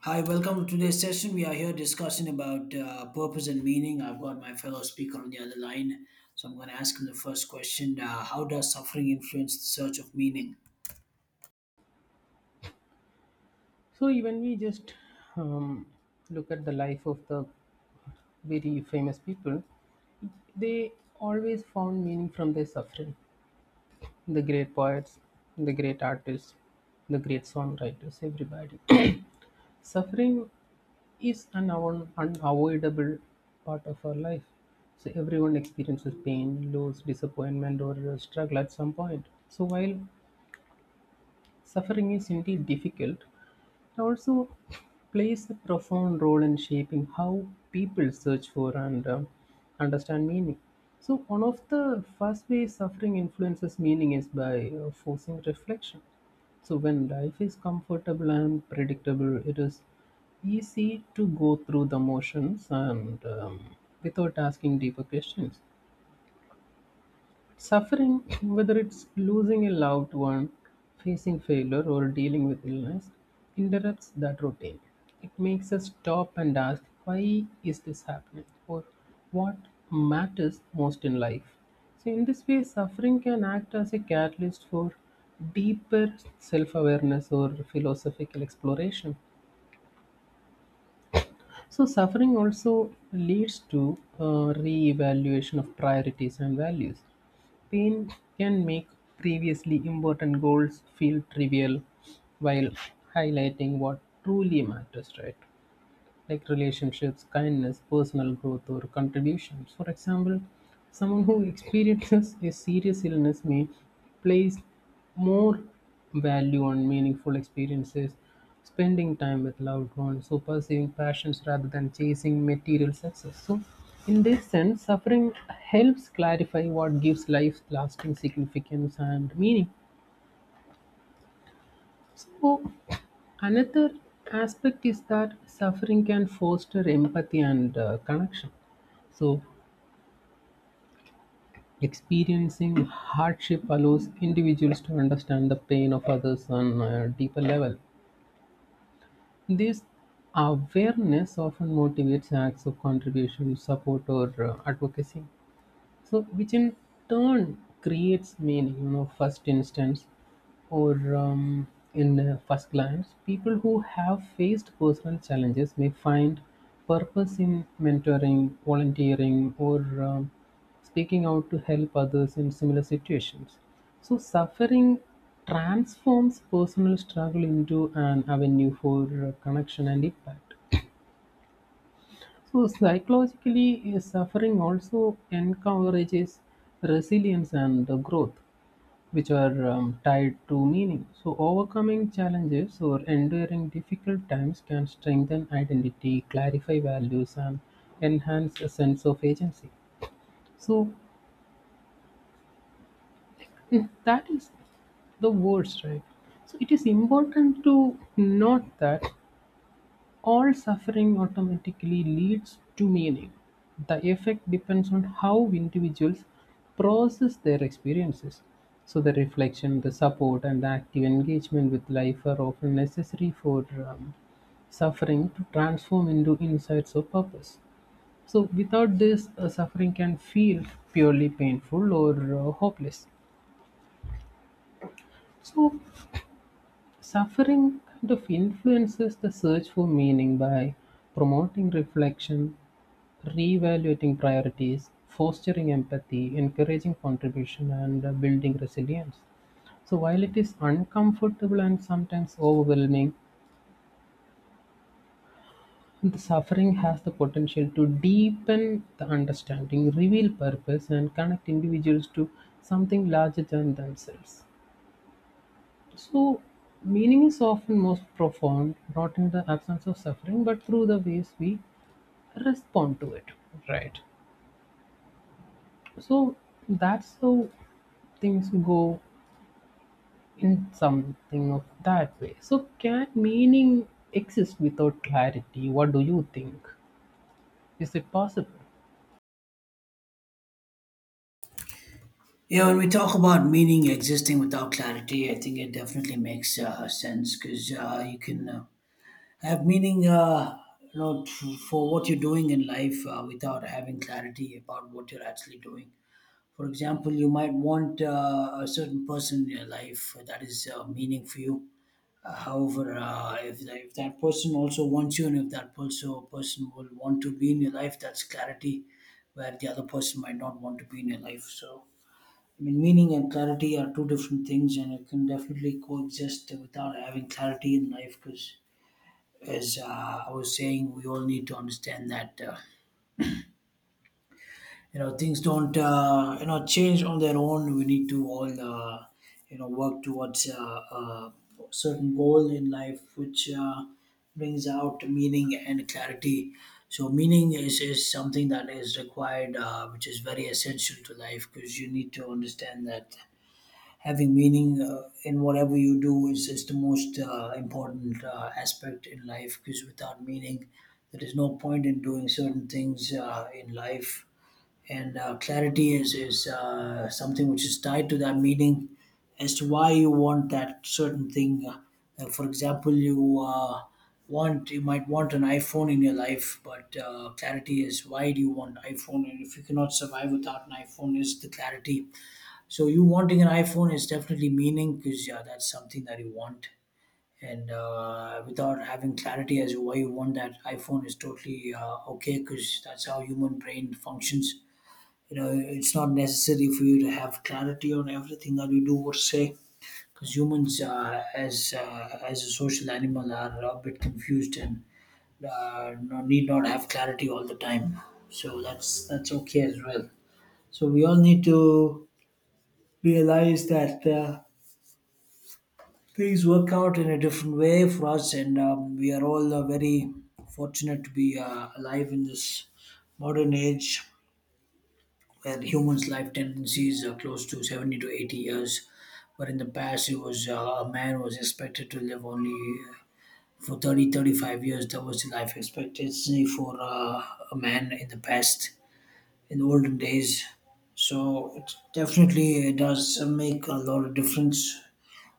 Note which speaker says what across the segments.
Speaker 1: Hi, welcome to today's session. We are here discussing about purpose and meaning. I've got my fellow speaker on the other line, so I'm going to ask him the first question, how does suffering influence the search of meaning?
Speaker 2: So even we just um, look at the life of the very famous people, they always found meaning from their suffering. The great poets, the great artists, the great songwriters, everybody. Suffering is an unavoidable part of our life. So everyone experiences pain, loss, disappointment, or struggle at some point. So while suffering is indeed difficult, it also plays a profound role in shaping how people search for and understand meaning. So, one of the first ways suffering influences meaning is by forcing reflection. So, when life is comfortable and predictable, it is easy to go through the motions and without asking deeper questions. Suffering, whether it's losing a loved one, facing failure, or dealing with illness, interrupts that routine. It makes us stop and ask, why is this happening? Or what matters most in life? So, in this way, suffering can act as a catalyst for deeper self awareness or philosophical exploration. So, suffering also leads to re evaluation of priorities and values. Pain can make previously important goals feel trivial while highlighting what truly matters, right? Like relationships, kindness, personal growth, or contributions. For example, someone who experiences a serious illness may place more value on meaningful experiences, spending time with loved ones, or pursuing passions rather than chasing material success. So, in this sense, suffering helps clarify what gives life lasting significance and meaning. So, another aspect is that suffering can foster empathy and connection. So, experiencing hardship allows individuals to understand the pain of others on a deeper level. This awareness often motivates acts of contribution, support, or advocacy, so which in turn creates meaning you know first instance or in first glance, people who have faced personal challenges may find purpose in mentoring, volunteering, or um, speaking out to help others in similar situations. So suffering transforms personal struggle into an avenue for connection and impact. So, psychologically, suffering also encourages resilience and growth, which are tied to meaning. So, overcoming challenges or enduring difficult times can strengthen identity, clarify values, and enhance a sense of agency. So, that is the words, right? So, it is important to note that all suffering automatically leads to meaning; the effect depends on how individuals process their experiences. So, the reflection, the support, and the active engagement with life are often necessary for um, suffering to transform into insights or purpose. So, without this, suffering can feel purely painful or hopeless. So, suffering kind of influences the search for meaning by promoting reflection, reevaluating priorities, fostering empathy, encouraging contribution, and building resilience. So, while it is uncomfortable and sometimes overwhelming, the suffering has the potential to deepen the understanding, reveal purpose, and connect individuals to something larger than themselves. So, meaning is often most profound not in the absence of suffering but through the ways we respond to it, right? So, that's how things go, in something of that way. So, can meaning exist without clarity? What do you think? Is it possible?
Speaker 1: Yeah, when we talk about meaning existing without clarity, I think it definitely makes sense, because you can have meaning, for what you're doing in life, without having clarity about what you're actually doing. For example, you might want a certain person in your life that is, meaning for you. However, if, if that person also wants you, and if that also person will want to be in your life, that's clarity, where the other person might not want to be in your life. So, I mean, meaning and clarity are two different things, and it can definitely coexist without having clarity in life because, as I was saying, we all need to understand that. Things don't change on their own. We need to all work towards a certain goal in life, which brings out meaning and clarity. So meaning is something that is required, which is very essential to life, because you need to understand that having meaning in whatever you do is the most important aspect in life, because without meaning there is no point in doing certain things in life. And clarity is something which is tied to that meaning, as to why you want that certain thing. Like, for example, you might want an iPhone in your life, but clarity is, why do you want iPhone? And if you cannot survive without an iPhone, is the clarity. So you wanting an iPhone is definitely meaning, because yeah, that's something that you want. And without having clarity as to why you want that iPhone is totally okay, because that's how human brain functions. It's not necessary for you to have clarity on everything that you do or say, because humans as a social animal are a bit confused and need not have clarity all the time. So that's okay as well. So we all need to realize that things work out in a different way for us, and we are all very fortunate to be alive in this modern age, where humans' life tendencies are close to 70 to 80 years. But in the past, it was a man was expected to live only uh, for thirty thirty five years. That was the life expectancy for a man in the past, in the olden days. So it definitely does make a lot of difference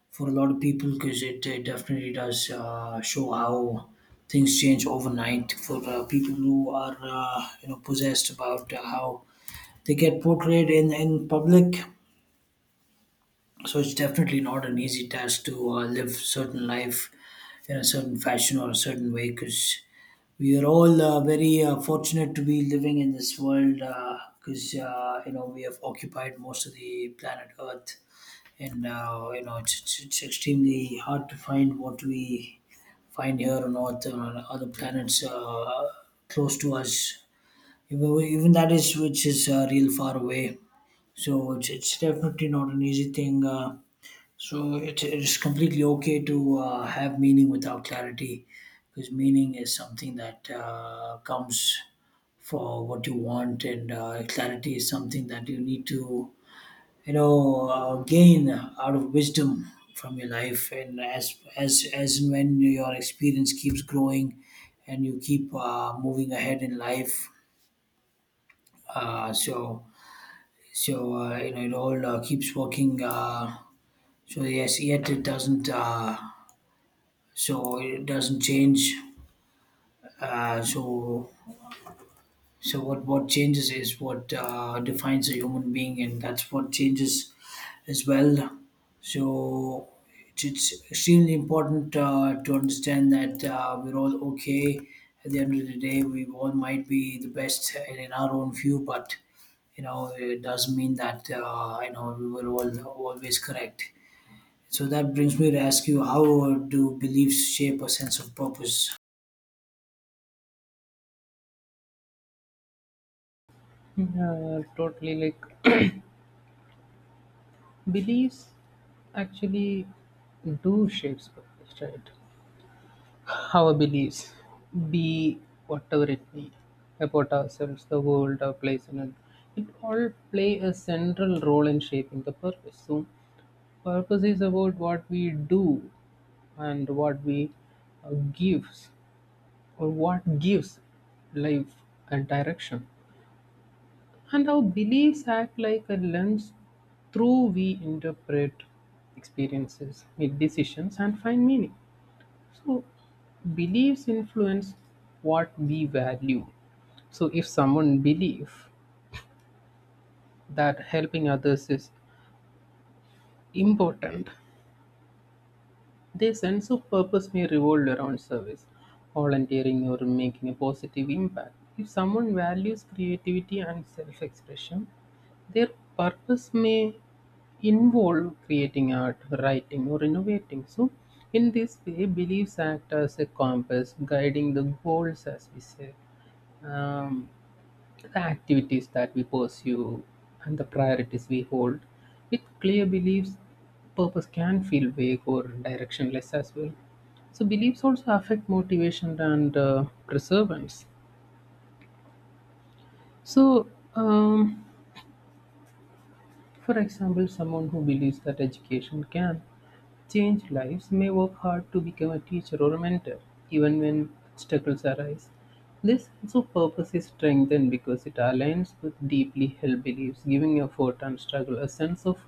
Speaker 1: for a lot of people, because it, definitely does show how things change overnight for people who are possessed about how they get portrayed in public. So it's definitely not an easy task to live certain life in a certain fashion or a certain way, because we are all very fortunate to be living in this world, because we have occupied most of the planet earth, and it's extremely hard to find what we find here on earth and on other planets close to us, even, even that is which is real far away. So it's definitely not an easy thing. So it's completely okay to have meaning without clarity, because meaning is something that comes for what you want, and clarity is something that you need to gain out of wisdom from your life. And as and when your experience keeps growing, and you keep moving ahead in life, uh, so it all keeps working. So yes, yet it doesn't. So it doesn't change. Uh, so so what changes is what defines a human being, and that's what changes as well. So it's extremely important to understand that we're all okay. At the end of the day, we all might be the best in our own view, but it doesn't mean that we were all always correct. So that brings me to ask you, how do beliefs shape a sense of purpose?
Speaker 2: Yeah, totally. Like, beliefs actually do shapes purpose, right? Our beliefs, be whatever it be, about ourselves, the world, our place in it, it all play a central role in shaping the purpose. So, purpose is about what we do and what we gives or what gives life a direction. And our beliefs act like a lens through we interpret experiences, make decisions, and find meaning. So beliefs influence what we value. So if someone believes that helping others is important, their sense of purpose may revolve around service, volunteering, or making a positive impact. If someone values creativity and self expression, their purpose may involve creating art, writing, or innovating. So, in this way, beliefs act as a compass guiding the goals, as we say, um, the activities that we pursue and the priorities we hold. With clear beliefs, purpose can feel vague or directionless as well. So, beliefs also affect motivation and perseverance. So, um, for example, someone who believes that education can changed lives may work hard to become a teacher or a mentor, even when obstacles arise. This sense of purpose is strengthened because it aligns with deeply held beliefs, giving effort and struggle a sense of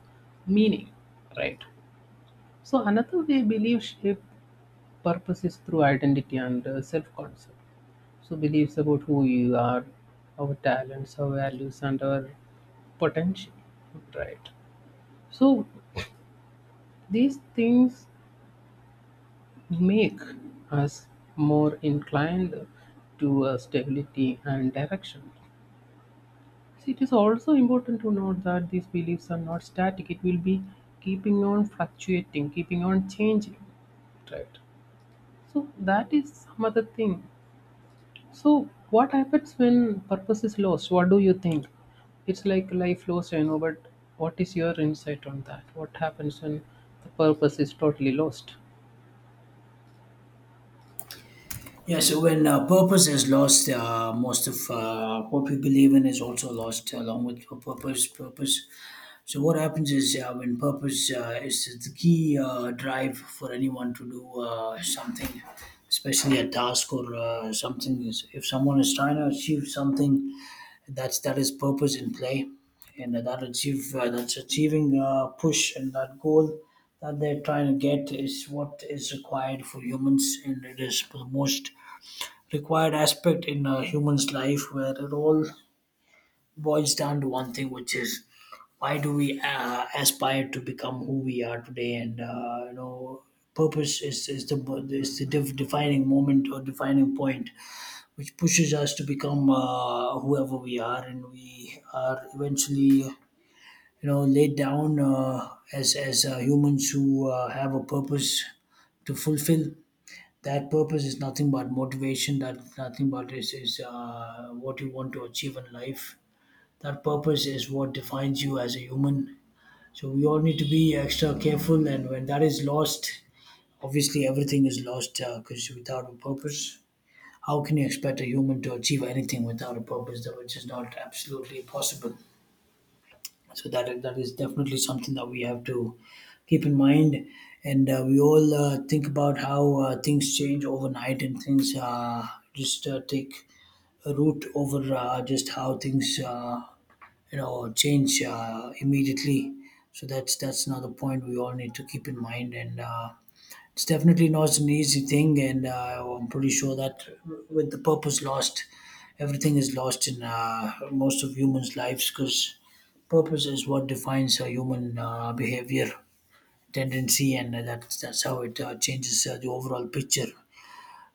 Speaker 2: meaning. Right. So another way belief shape purpose is through identity and self-concept. So beliefs about who you are, our talents, our values, and our potential. Right. So these things make us more inclined to a stability and direction. So it is also important to note that these beliefs are not static. It will be keeping on fluctuating, keeping on changing, right? So that is some other thing. So what happens when purpose is lost? What do you think? It's like life lost, I know, but what is your insight on that? What happens when the purpose is totally lost?
Speaker 1: Yeah, so when purpose is lost, most of what we believe in is also lost along with purpose. Purpose. So what happens is, when purpose is the key drive for anyone to do something, especially a task or something. If someone is trying to achieve something, that is purpose in play, and that's achieving push, and that goal that they're trying to get is what is required for humans, and it is the most required aspect in a human's life, where it all boils down to one thing, which is, why do we aspire to become who we are today? And purpose is the defining moment or defining point which pushes us to become whoever we are, and we are eventually laid down as humans who have a purpose to fulfill. That purpose is nothing but motivation, that nothing but is what you want to achieve in life. That purpose is what defines you as a human. So we all need to be extra careful, and when that is lost, obviously everything is lost, because without a purpose, how can you expect a human to achieve anything without a purpose? That which is not absolutely possible. So that is definitely something that we have to keep in mind. And we all think about how things change overnight, and things just take a root over just how things change immediately. So that's another point we all need to keep in mind. And it's definitely not an easy thing, and I'm pretty sure that with the purpose lost, everything is lost in most of humans' lives, because purpose is what defines a human behavior tendency, and that's how it changes the overall picture.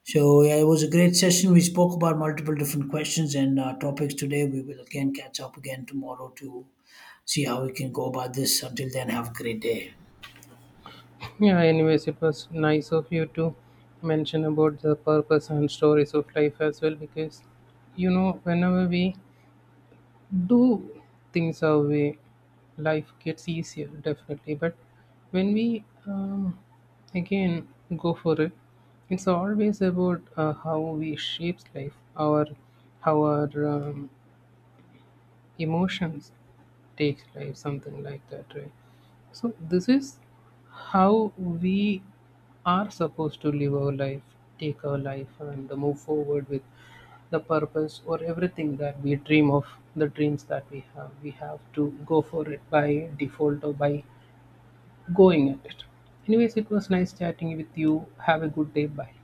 Speaker 1: So yeah, it was a great session. We spoke about multiple different questions and topics today. We will again catch up again tomorrow to see how we can go about this. Until then, have a great day.
Speaker 2: Yeah, anyways, it was nice of you to mention about the purpose and stories of life as well because you know, whenever we do things our way, life gets easier, definitely. But when we again go for it, it's always about how we shapes life, our how our emotions takes life, something like that, right? So this is how we are supposed to live our life, take our life, and move forward with the purpose or everything that we dream of, the dreams that we have. We have to go for it by default or by going at it. Anyways, it was nice chatting with you. Have a good day. Bye.